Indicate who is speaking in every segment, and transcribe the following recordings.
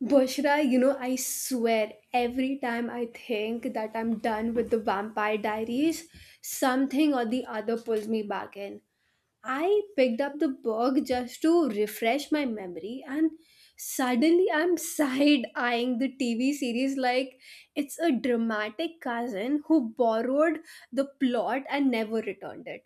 Speaker 1: Bushra, you know, I swear every time I think that I'm done with the Vampire Diaries, something or the other pulls me back in. I picked up the book just to refresh my memory, and suddenly I'm side eyeing the TV series like it's a dramatic cousin who borrowed the plot and never returned it.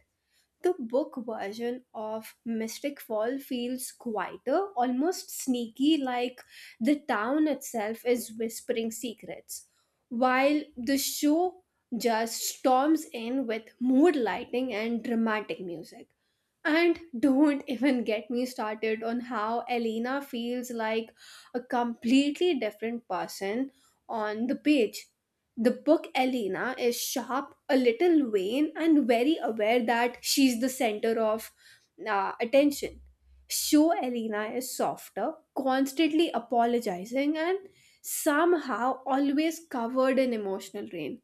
Speaker 1: The book version of Mystic Fall feels quieter, almost sneaky, like the town itself is whispering secrets, while the show just storms in with mood lighting and dramatic music. And don't even get me started on how Elena feels like a completely different person on the page. The book Elena is sharp, a little vain, and very aware that she's the center of attention. Show Elena is softer, constantly apologizing, and somehow always covered in emotional rain.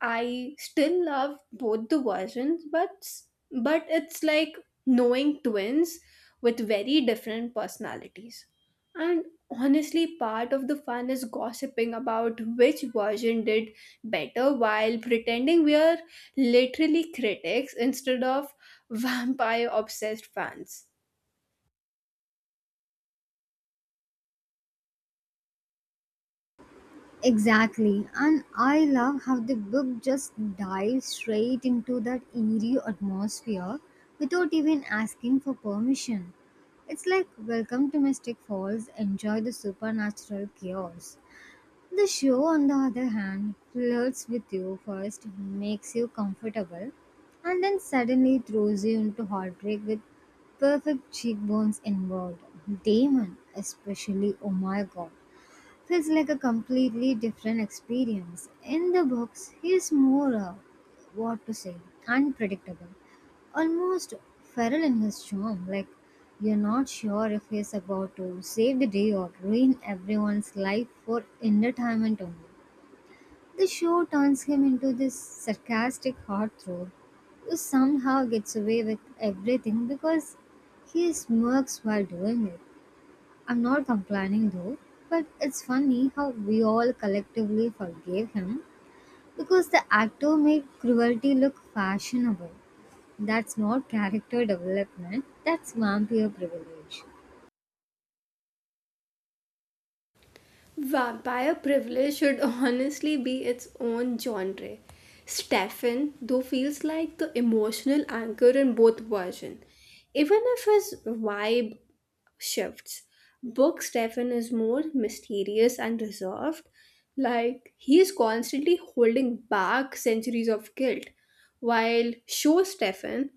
Speaker 1: I still love both the versions, but it's like knowing twins with very different personalities. And honestly, part of the fun is gossiping about which version did better while pretending we are literally critics instead of vampire obsessed fans.
Speaker 2: Exactly. And I love how the book just dives straight into that eerie atmosphere without even asking for permission. It's like, welcome to Mystic Falls, enjoy the supernatural chaos. The show, on the other hand, flirts with you first, makes you comfortable, and then suddenly throws you into heartbreak with perfect cheekbones involved. Damon, especially, oh my god. Feels like a completely different experience. In the books, he's more, what to say, unpredictable, almost feral in his charm. Like, you're not sure if he's about to save the day or ruin everyone's life for entertainment only. The show turns him into this sarcastic heartthrob who somehow gets away with everything because he smirks while doing it. I'm not complaining though, but it's funny how we all collectively forgave him because the actor made cruelty look fashionable. That's not character development, that's vampire privilege.
Speaker 1: Vampire privilege should honestly be its own genre. Stefan, though, feels like the emotional anchor in both versions, even if his vibe shifts. Book Stefan is more mysterious and reserved, like he is constantly holding back centuries of guilt, while show Stefan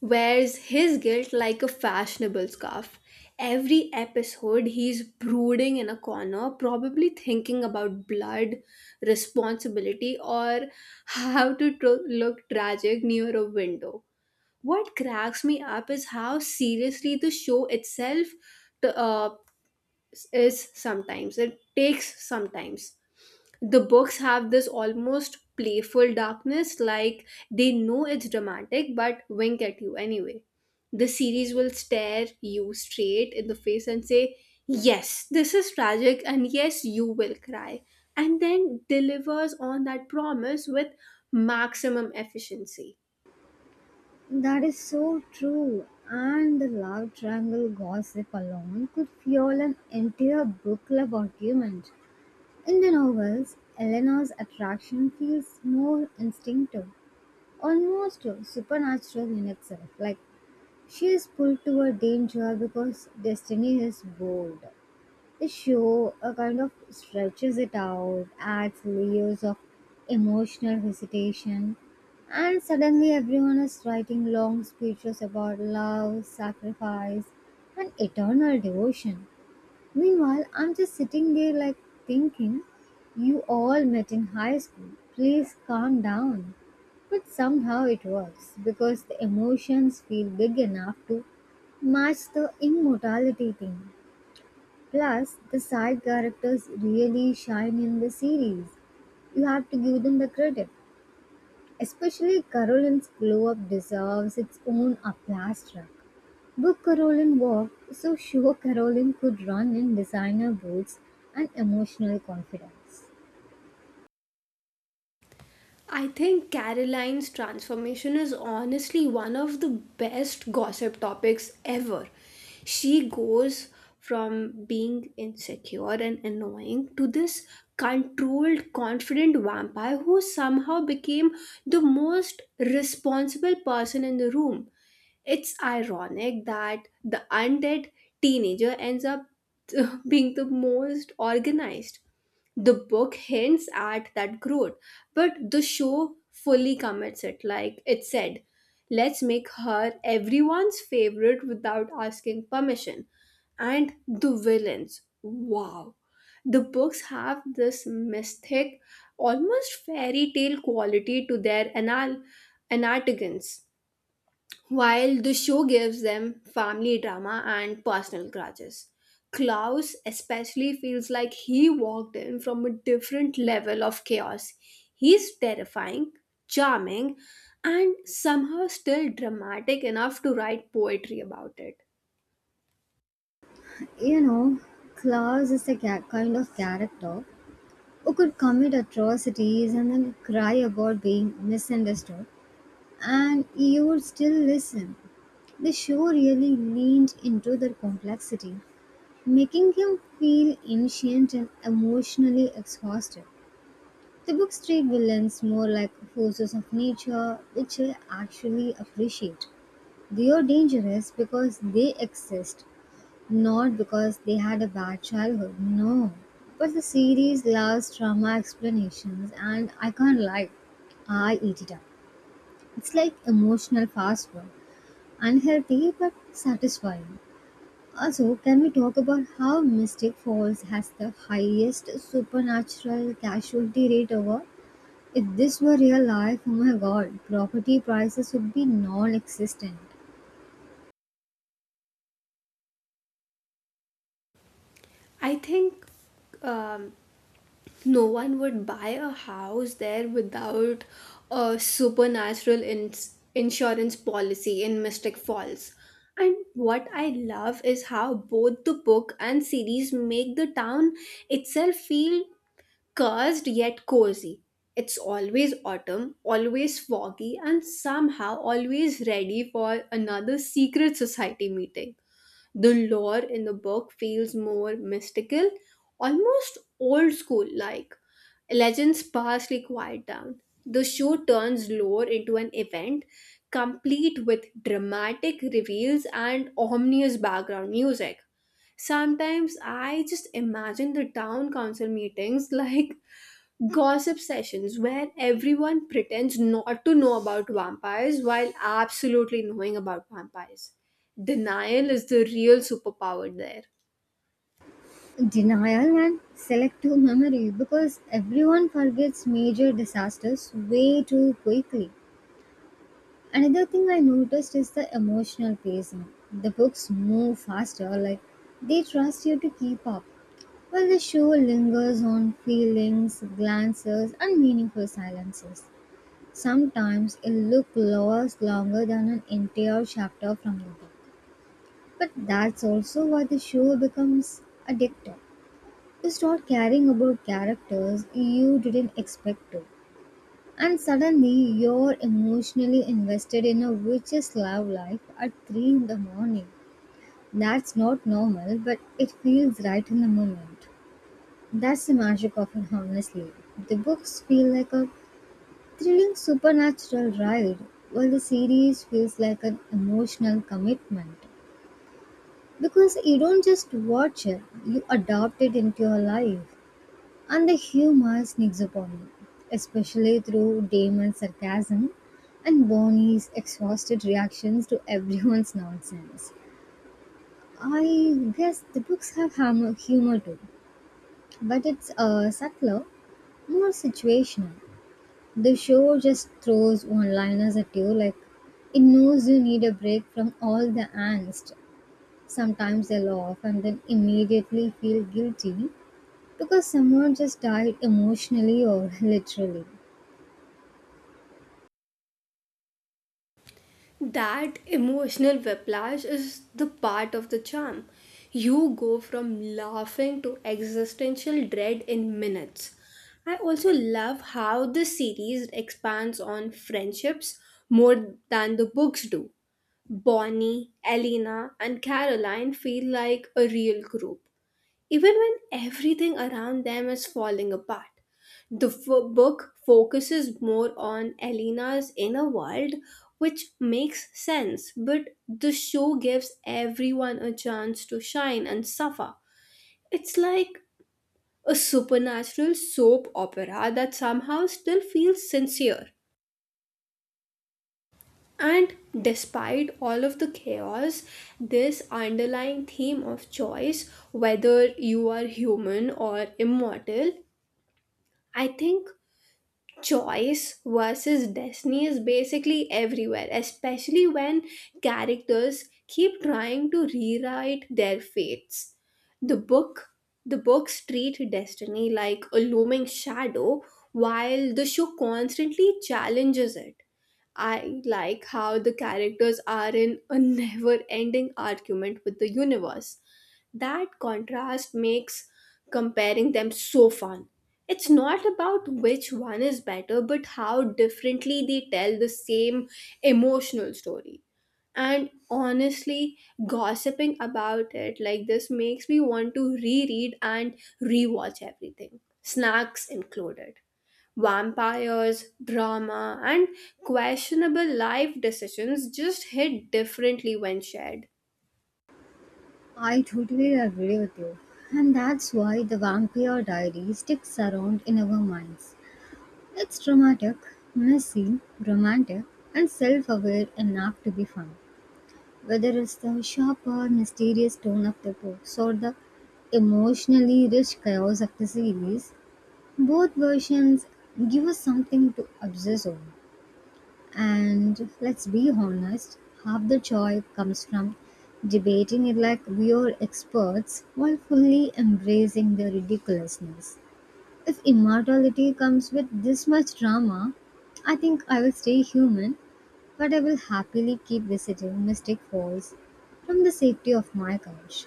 Speaker 1: wears his guilt like a fashionable scarf. Every episode, he's brooding in a corner, probably thinking about blood, responsibility, or how to look tragic near a window. What cracks me up is how seriously the show itself t- uh, is sometimes. It takes sometimes the books have this almost playful darkness, like they know it's dramatic but wink at you anyway. The series will stare you straight in the face and say, yes, this is tragic, and yes, you will cry, and then delivers on that promise with maximum efficiency.
Speaker 2: That is so true, and the love triangle gossip alone could fuel an entire book club argument. In the novels, Eleanor's attraction feels more instinctive, almost supernatural in itself, like she is pulled toward danger because Destiny is bold. The show kind of stretches it out, adds layers of emotional hesitation, and suddenly everyone is writing long speeches about love, sacrifice, and eternal devotion. Meanwhile, I'm just sitting there like thinking, you all met in high school, please calm down. But somehow it works because the emotions feel big enough to match the immortality thing. Plus, the side characters really shine in the series. You have to give them the credit. Especially Carolyn's glow up deserves its own applause track. Book Karolin walked so sure Karolin could run in designer boots and emotional confidence.
Speaker 1: I think Caroline's transformation is honestly one of the best gossip topics ever. She goes from being insecure and annoying to this controlled, confident vampire who somehow became the most responsible person in the room. It's ironic that the undead teenager ends up being the most organized. The book hints at that growth, but the show fully commits it. Like it said, let's make her everyone's favorite without asking permission. And the villains, wow. The books have this mystic, almost fairy tale quality to their anatogens. While the show gives them family drama and personal grudges, Klaus especially feels like he walked in from a different level of chaos. He's terrifying, charming, and somehow still dramatic enough to write poetry about it.
Speaker 2: You know, Klaus is the kind of character who could commit atrocities and then cry about being misunderstood, and you would still listen. The show really leaned into their complexity, making him feel ancient and emotionally exhausted. The books treat villains more like forces of nature, which I actually appreciate. They are dangerous because they exist, not because they had a bad childhood. No. But the series loves trauma explanations, and I can't lie, I eat it up. It's like emotional fast food, unhealthy but satisfying. Also, can we talk about how Mystic Falls has the highest supernatural casualty rate ever? If this were real life, oh my god, property prices would be non existent.
Speaker 1: I think um, no one would buy a house there without a supernatural insurance policy in Mystic Falls. And what I love is how both the book and series make the town itself feel cursed yet cozy. It's always autumn, always foggy, and somehow always ready for another secret society meeting. The lore in the book feels more mystical, almost old school like legends sparsely quiet down. The show turns lore into an event, complete with dramatic reveals and ominous background music. Sometimes I just imagine the town council meetings like gossip sessions where everyone pretends not to know about vampires while absolutely knowing about vampires. Denial is the real superpower there.
Speaker 2: Denial and selective memory because everyone forgets major disasters way too quickly. Another thing I noticed is the emotional pacing. The books move faster, like they trust you to keep up, while the show lingers on feelings, glances, and meaningful silences. Sometimes a look lasts longer than an entire chapter from the book. But that's also why the show becomes addictive. You start caring about characters you didn't expect to. And suddenly you're emotionally invested in a witch's love life at 3 in the morning. That's not normal, but it feels right in the moment. That's the magic of it, honestly. The books feel like a thrilling supernatural ride, while the series feels like an emotional commitment. Because you don't just watch it, you adopt it into your life. And the humor sneaks upon you, especially through Damon's sarcasm and Bonnie's exhausted reactions to everyone's nonsense. I guess the books have humor too, but it's subtler, more situational. The show just throws one liners at you like it knows you need a break from all the angst. Sometimes I laugh and then immediately feel guilty because someone just died emotionally or literally.
Speaker 1: That emotional whiplash is the part of the charm. You go from laughing to existential dread in minutes. I also love how the series expands on friendships more than the books do. Bonnie, Elena, and Caroline feel like a real group, even when everything around them is falling apart. The book focuses more on Elena's inner world, which makes sense, but the show gives everyone a chance to shine and suffer. It's like a supernatural soap opera that somehow still feels sincere. And despite all of the chaos, this underlying theme of choice, whether you are human or immortal, I think choice versus destiny is basically everywhere, especially when characters keep trying to rewrite their fates. The book the books treat destiny like a looming shadow while the show constantly challenges it. I like how the characters are in a never ending argument with the universe. That contrast makes comparing them so fun. It's not about which one is better, but how differently they tell the same emotional story. And honestly, gossiping about it like this makes me want to reread and rewatch everything, snacks included. Vampires, drama, and questionable life decisions just hit differently when shared.
Speaker 2: I totally agree with you. And that's why the Vampire Diary sticks around in our minds. It's dramatic, messy, romantic, and self aware enough to be fun. Whether it's the sharp or mysterious tone of the books or the emotionally rich chaos of the series, both versions give us something to obsess over. And let's be honest, half the joy comes from debating it like we're experts while fully embracing the ridiculousness. If immortality comes with this much drama, I think I will stay human, but I will happily keep visiting Mystic Falls from the safety of my couch.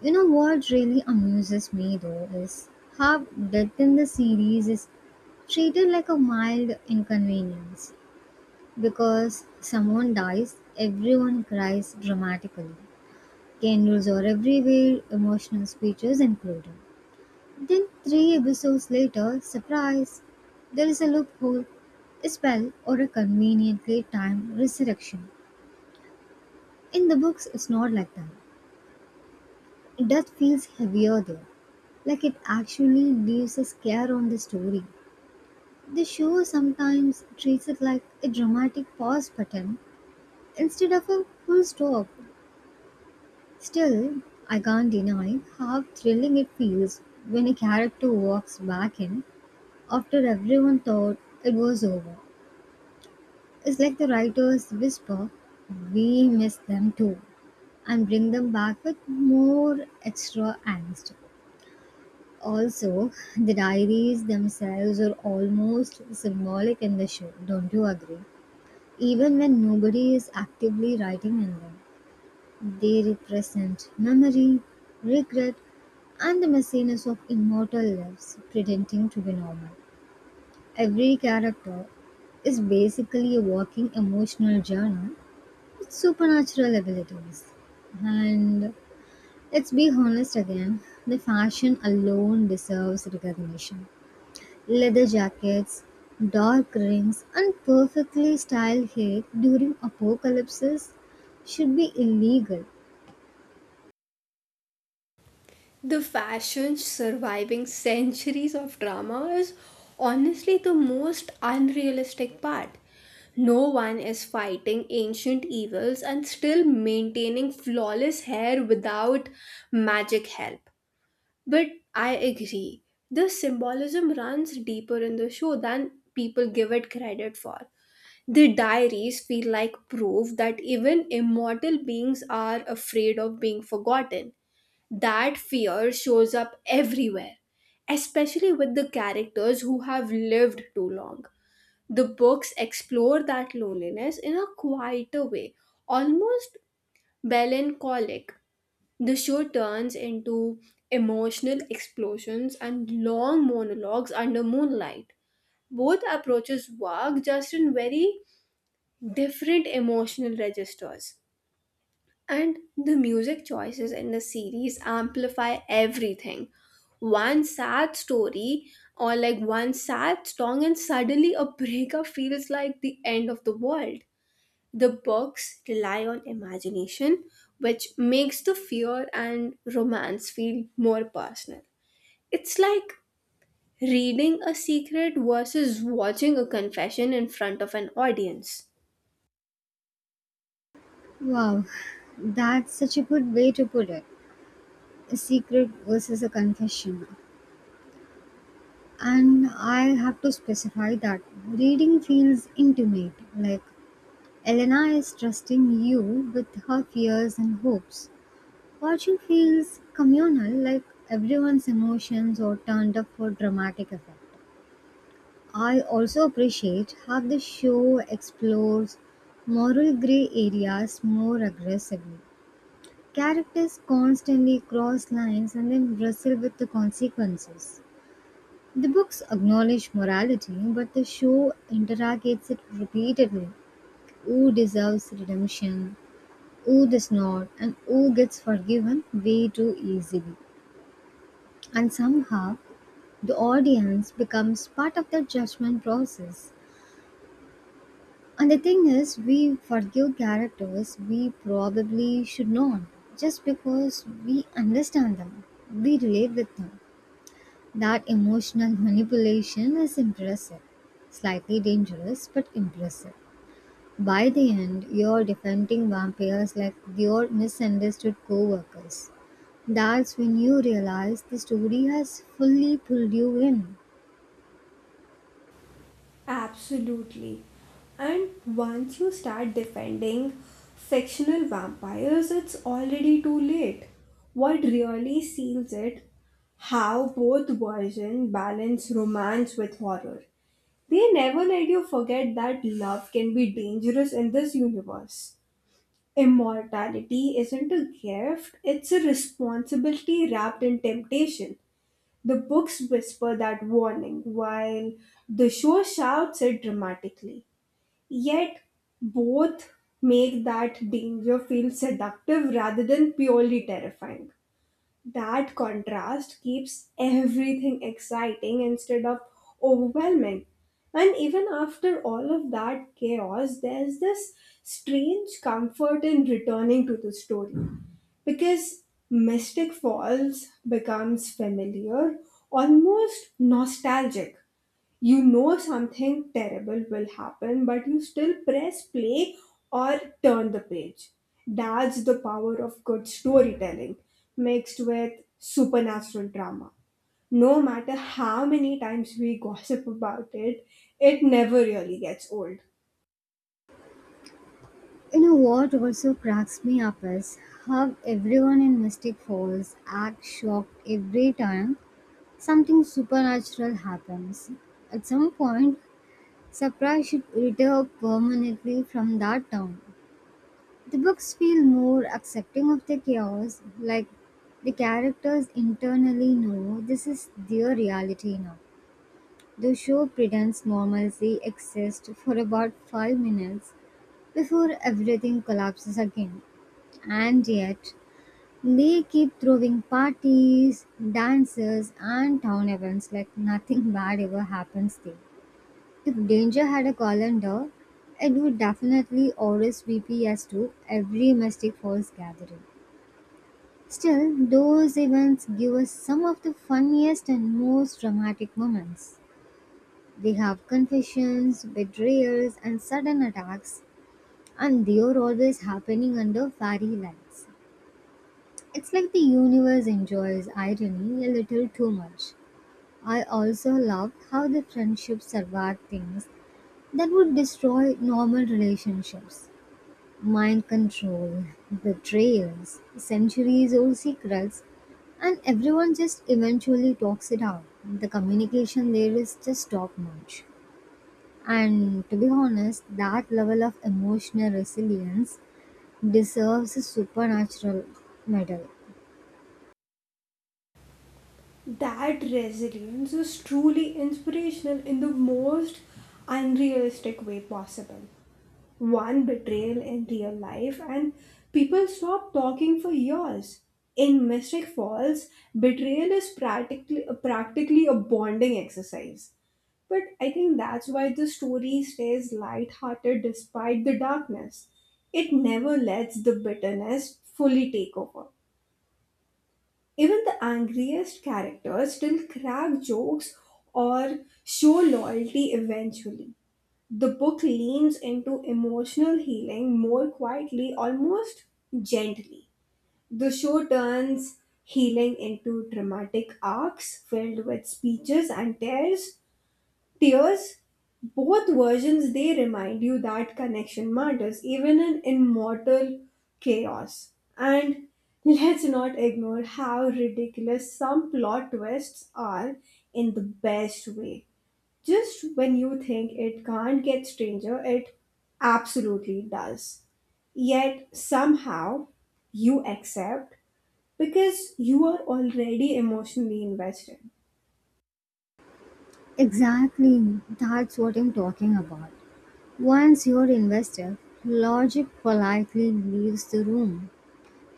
Speaker 2: You know what really amuses me though is how death in the series is treated like a mild inconvenience. Because someone dies, everyone cries dramatically. Candles are everywhere, emotional speeches included. Then, three episodes later, surprise! There is a loophole, a spell, or a conveniently timed resurrection. In the books, it's not like that. Death feels heavier there, like it actually leaves a scare on the story. The show sometimes treats it like a dramatic pause button instead of a full stop. Still, I can't deny how thrilling it feels when a character walks back in after everyone thought it was over. It's like the writers whisper, we miss them too, and bring them back with more extra angst. Also, the diaries themselves are almost symbolic in the show, don't you agree? Even when nobody is actively writing in them. They represent memory, regret, and the messiness of immortal lives pretending to be normal. Every character is basically a walking emotional journal with supernatural abilities. And let's be honest again, the fashion alone deserves recognition. Leather jackets, dark rings, and perfectly styled hair during apocalypses should be illegal.
Speaker 1: The fashion surviving centuries of drama is honestly the most unrealistic part. No one is fighting ancient evils and still maintaining flawless hair without magic help. But I agree, the symbolism runs deeper in the show than people give it credit for. The diaries feel like proof that even immortal beings are afraid of being forgotten. That fear shows up everywhere, especially with the characters who have lived too long. The books explore that loneliness in a quieter way, almost melancholic. The show turns into emotional explosions and long monologues under moonlight. Both approaches work just in very different emotional registers. And the music choices in the series amplify everything. One sad story or like one sad song, and suddenly a breakup feels like the end of the world. The books rely on imagination, which makes the fear and romance feel more personal. It's like reading a secret versus watching a confession in front of an audience.
Speaker 2: Wow, that's such a good way to put it. A secret versus a confession. And I have to specify that reading feels intimate, like Elena is trusting you with her fears and hopes. Watching feels communal, like everyone's emotions are turned up for dramatic effect. I also appreciate how the show explores moral gray areas more aggressively. Characters constantly cross lines and then wrestle with the consequences. The books acknowledge morality, but the show interrogates it repeatedly. Who deserves redemption? Who does not? And who gets forgiven way too easily? And somehow, the audience becomes part of the judgment process. And the thing is, we forgive characters we probably should not, just because we understand them, we relate with them. That emotional manipulation is impressive. Slightly dangerous, but impressive. By the end, you're defending vampires like your misunderstood co workers. That's when you realize the story has fully pulled you in.
Speaker 1: Absolutely. And once you start defending fictional vampires, it's already too late. What really seals it how both versions balance romance with horror. They never let you forget that love can be dangerous in this universe. Immortality isn't a gift, it's a responsibility wrapped in temptation. The books whisper that warning while the show shouts it dramatically. Yet, both make that danger feel seductive rather than purely terrifying. That contrast keeps everything exciting instead of overwhelming. And even after all of that chaos, there's this strange comfort in returning to the story because Mystic Falls becomes familiar, almost nostalgic. You know something terrible will happen, but you still press play or turn the page. That's the power of good storytelling mixed with supernatural drama. No matter how many times we gossip about it, it never really gets old.
Speaker 2: You know what also cracks me up is how everyone in Mystic Falls acts shocked every time something supernatural happens. At some point, Sapra should retire permanently from that town. The books feel more accepting of the chaos, like the characters internally know this is their reality now. The show pretends normalcy exists for about 5 minutes before everything collapses again. And yet, they keep throwing parties, dances, and town events like nothing bad ever happens there. If Danger had a calendar, it would definitely RSVP as to every Mystic Falls gathering. Still, those events give us some of the funniest and most dramatic moments. They have confessions, betrayals, and sudden attacks, and they are always happening under fairy lights. It's like the universe enjoys irony a little too much. I also love how the friendship survived things that would destroy normal relationships. Mind control, betrayals, centuries old secrets, and everyone just eventually talks it out. The communication there is just top notch. And to be honest, that level of emotional resilience deserves a supernatural medal.
Speaker 1: That resilience is truly inspirational in the most unrealistic way possible. One betrayal in real life, and people stop talking for years. In Mystic Falls, betrayal is practically a bonding exercise. But I think that's why the story stays lighthearted despite the darkness. It never lets the bitterness fully take over. Even the angriest characters still crack jokes or show loyalty eventually. The book leans into emotional healing more quietly, almost gently. The show turns healing into dramatic arcs filled with speeches and tears. Both versions, they remind you that connection matters even in immortal chaos. And let's not ignore how ridiculous some plot twists are in the best way. Just when you think it can't get stranger, it absolutely does. Yet somehow you accept because you are already emotionally invested.
Speaker 2: Exactly, that's what I'm talking about. Once you're invested, logic politely leaves the room.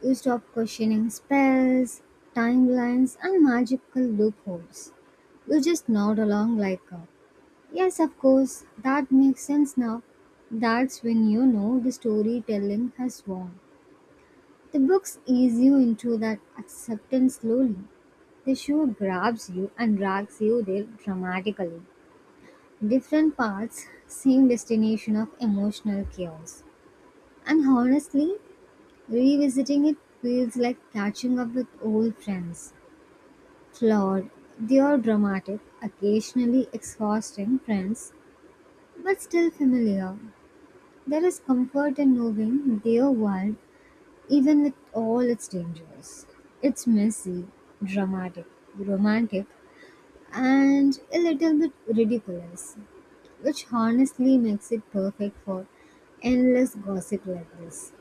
Speaker 2: You stop questioning spells, timelines, and magical loopholes. You just nod along like, a, yes, of course, that makes sense now. That's when you know the storytelling has won. The books ease you into that acceptance slowly. The show grabs you and drags you there dramatically. Different paths, same destination of emotional chaos. And honestly, revisiting it feels like catching up with old friends. Flawed, they are dramatic, occasionally exhausting friends, but still familiar. There is comfort in knowing their world, even with all its dangers. It's messy, dramatic, romantic, and a little bit ridiculous, which honestly makes it perfect for endless gossip like this.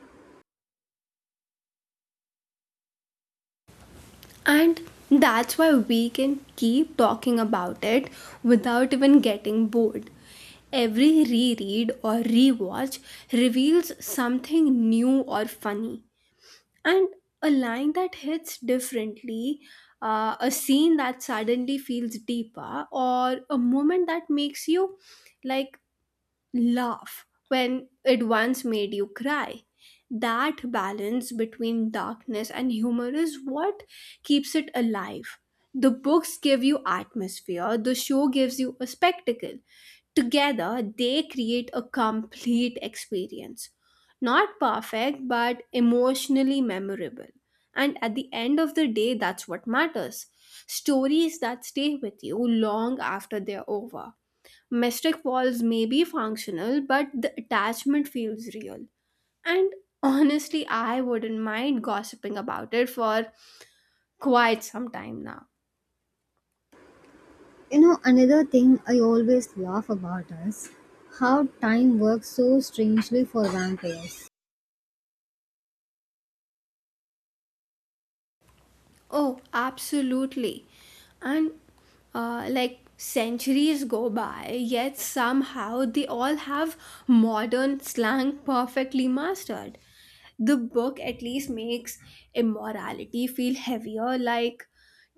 Speaker 1: And that's why we can keep talking about it without even getting bored. Every reread or rewatch reveals something new or funny. And a line that hits differently, a scene that suddenly feels deeper, or a moment that makes you like laugh when it once made you cry. That balance between darkness and humor is what keeps it alive. The books give you atmosphere, the show gives you a spectacle. Together, they create a complete experience. Not perfect, but emotionally memorable. And at the end of the day, that's what matters. Stories that stay with you long after they're over. Mystic walls may be functional, but the attachment feels real. And honestly, I wouldn't mind gossiping about it for quite some time now.
Speaker 2: You know, another thing I always laugh about is how time works so strangely for vampires.
Speaker 1: Oh, absolutely. And like centuries go by, yet somehow they all have modern slang perfectly mastered. The book at least makes immorality feel heavier, like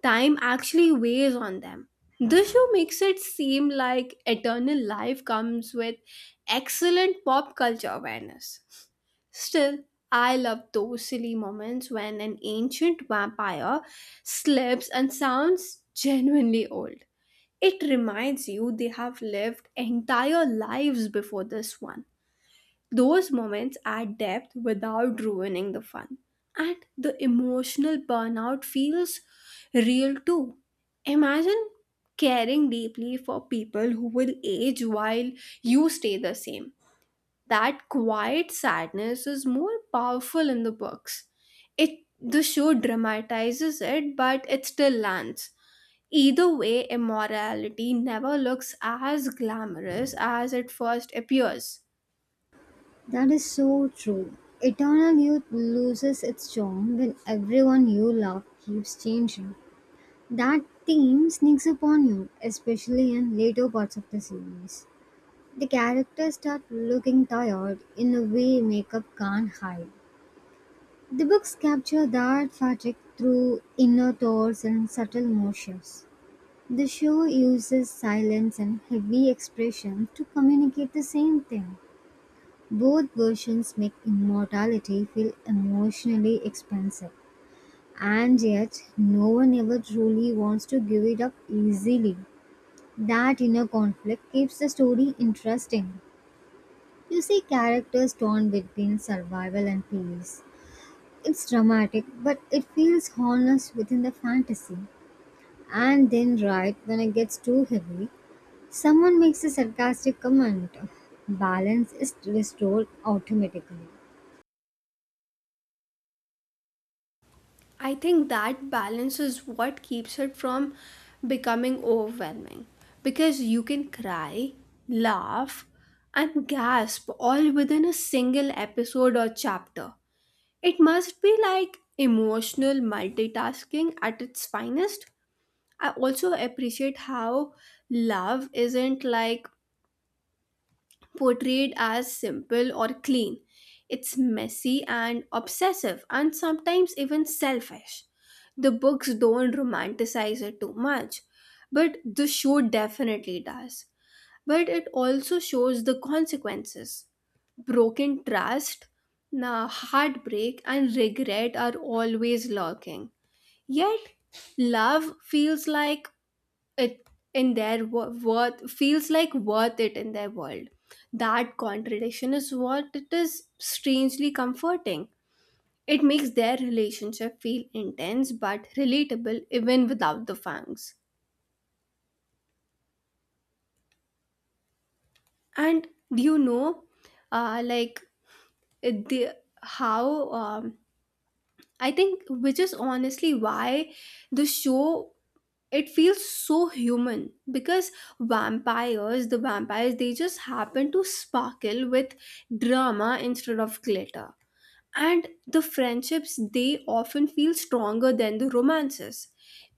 Speaker 1: time actually weighs on them. The show makes it seem like eternal life comes with excellent pop culture awareness. Still, I love those silly moments when an ancient vampire slips and sounds genuinely old. It reminds you they have lived entire lives before this one. Those moments add depth without ruining the fun. And the emotional burnout feels real too. Imagine caring deeply for people who will age while you stay the same. That quiet sadness is more powerful in the books. It the show dramatizes it, but it still lands. Either way, immorality never looks as glamorous as it first appears.
Speaker 2: That is so true. Eternal youth loses its charm when everyone you love keeps changing. That theme sneaks upon you, especially in later parts of the series. The characters start looking tired in a way makeup can't hide. The books capture that fatigue through inner thoughts and subtle motions. The show uses silence and heavy expression to communicate the same thing. Both versions make immortality feel emotionally expensive, and yet no one ever truly wants to give it up easily. That inner conflict keeps the story interesting. You see characters torn between survival and peace. It's dramatic, but it feels honest within the fantasy. And then, right when it gets too heavy, someone makes a sarcastic comment. Balance is restored automatically.
Speaker 1: I think that balance is what keeps it from becoming overwhelming because you can cry, laugh, and gasp all within a single episode or chapter. It must be like emotional multitasking at its finest. I also appreciate how love isn't like portrayed as simple or clean. It's messy and obsessive, and sometimes even selfish. The books don't romanticize it too much, but the show definitely does. But it also shows the consequences. Broken trust, nah, heartbreak, and regret are always lurking. Yet, love feels like it in their worth feels like worth it in their world. That contradiction is what it is strangely comforting. It makes their relationship feel intense but relatable even without the fangs. And do you know, like it- the how I think, which is honestly why the show, it feels so human because vampires the vampires they just happen to sparkle with drama instead of glitter. And the friendships, they often feel stronger than the romances.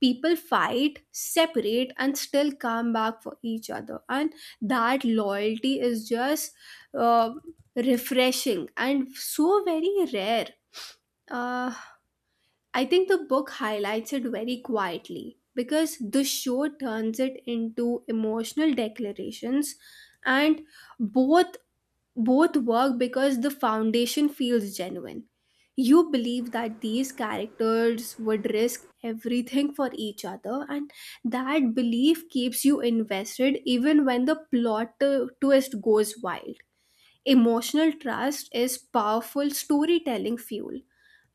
Speaker 1: People fight, separate, and still come back for each other, and that loyalty is just uh, refreshing and so very rare. uh, I think the book highlights it very quietly because the show turns it into emotional declarations. And both both work because the foundation feels genuine. You believe that these characters would risk everything for each other and that belief keeps you invested even when the plot twist goes wild. Emotional trust is powerful storytelling fuel.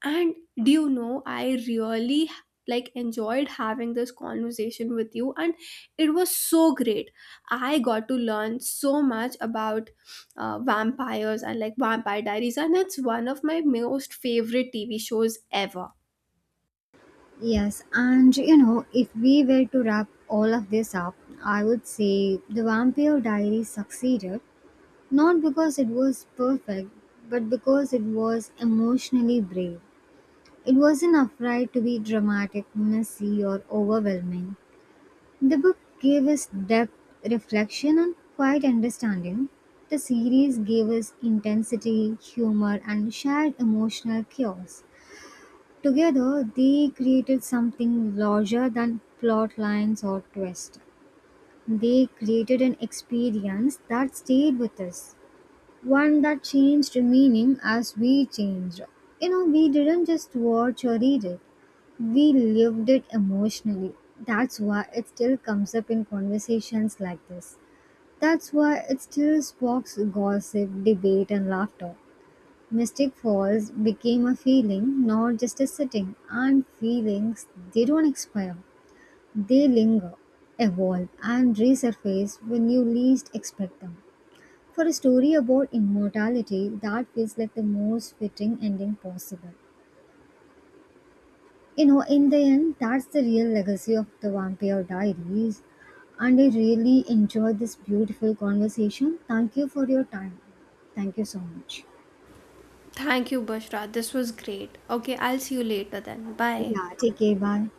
Speaker 1: And do you know, I really like enjoyed having this conversation with you, and it was so great. I got to learn so much about vampires and like Vampire Diaries, and it's one of my most favorite TV shows ever.
Speaker 2: Yes, and you know, if we were to wrap all of this up, I would say The Vampire Diaries succeeded not because it was perfect, but because it was emotionally brave. It wasn't afraid to be dramatic, messy, or overwhelming. The book gave us depth, reflection, and quiet understanding. The series gave us intensity, humor, and shared emotional chaos. Together, they created something larger than plot lines or twists. They created an experience that stayed with us, one that changed meaning as we changed. You know, we didn't just watch or read it, we lived it emotionally. That's why it still comes up in conversations like this. That's why it still sparks gossip, debate, and laughter. Mystic Falls became a feeling, not just a sitting, and feelings, they don't expire. They linger, evolve, and resurface when you least expect them. For a story about immortality, that feels like the most fitting ending possible. You know, in the end, that's the real legacy of the Vampire Diaries. And I really enjoyed this beautiful conversation. Thank you for your time. Thank you so much.
Speaker 1: Thank you, Bushra. This was great. Okay, I'll see you later then. Bye.
Speaker 2: Yeah, take care. Bye.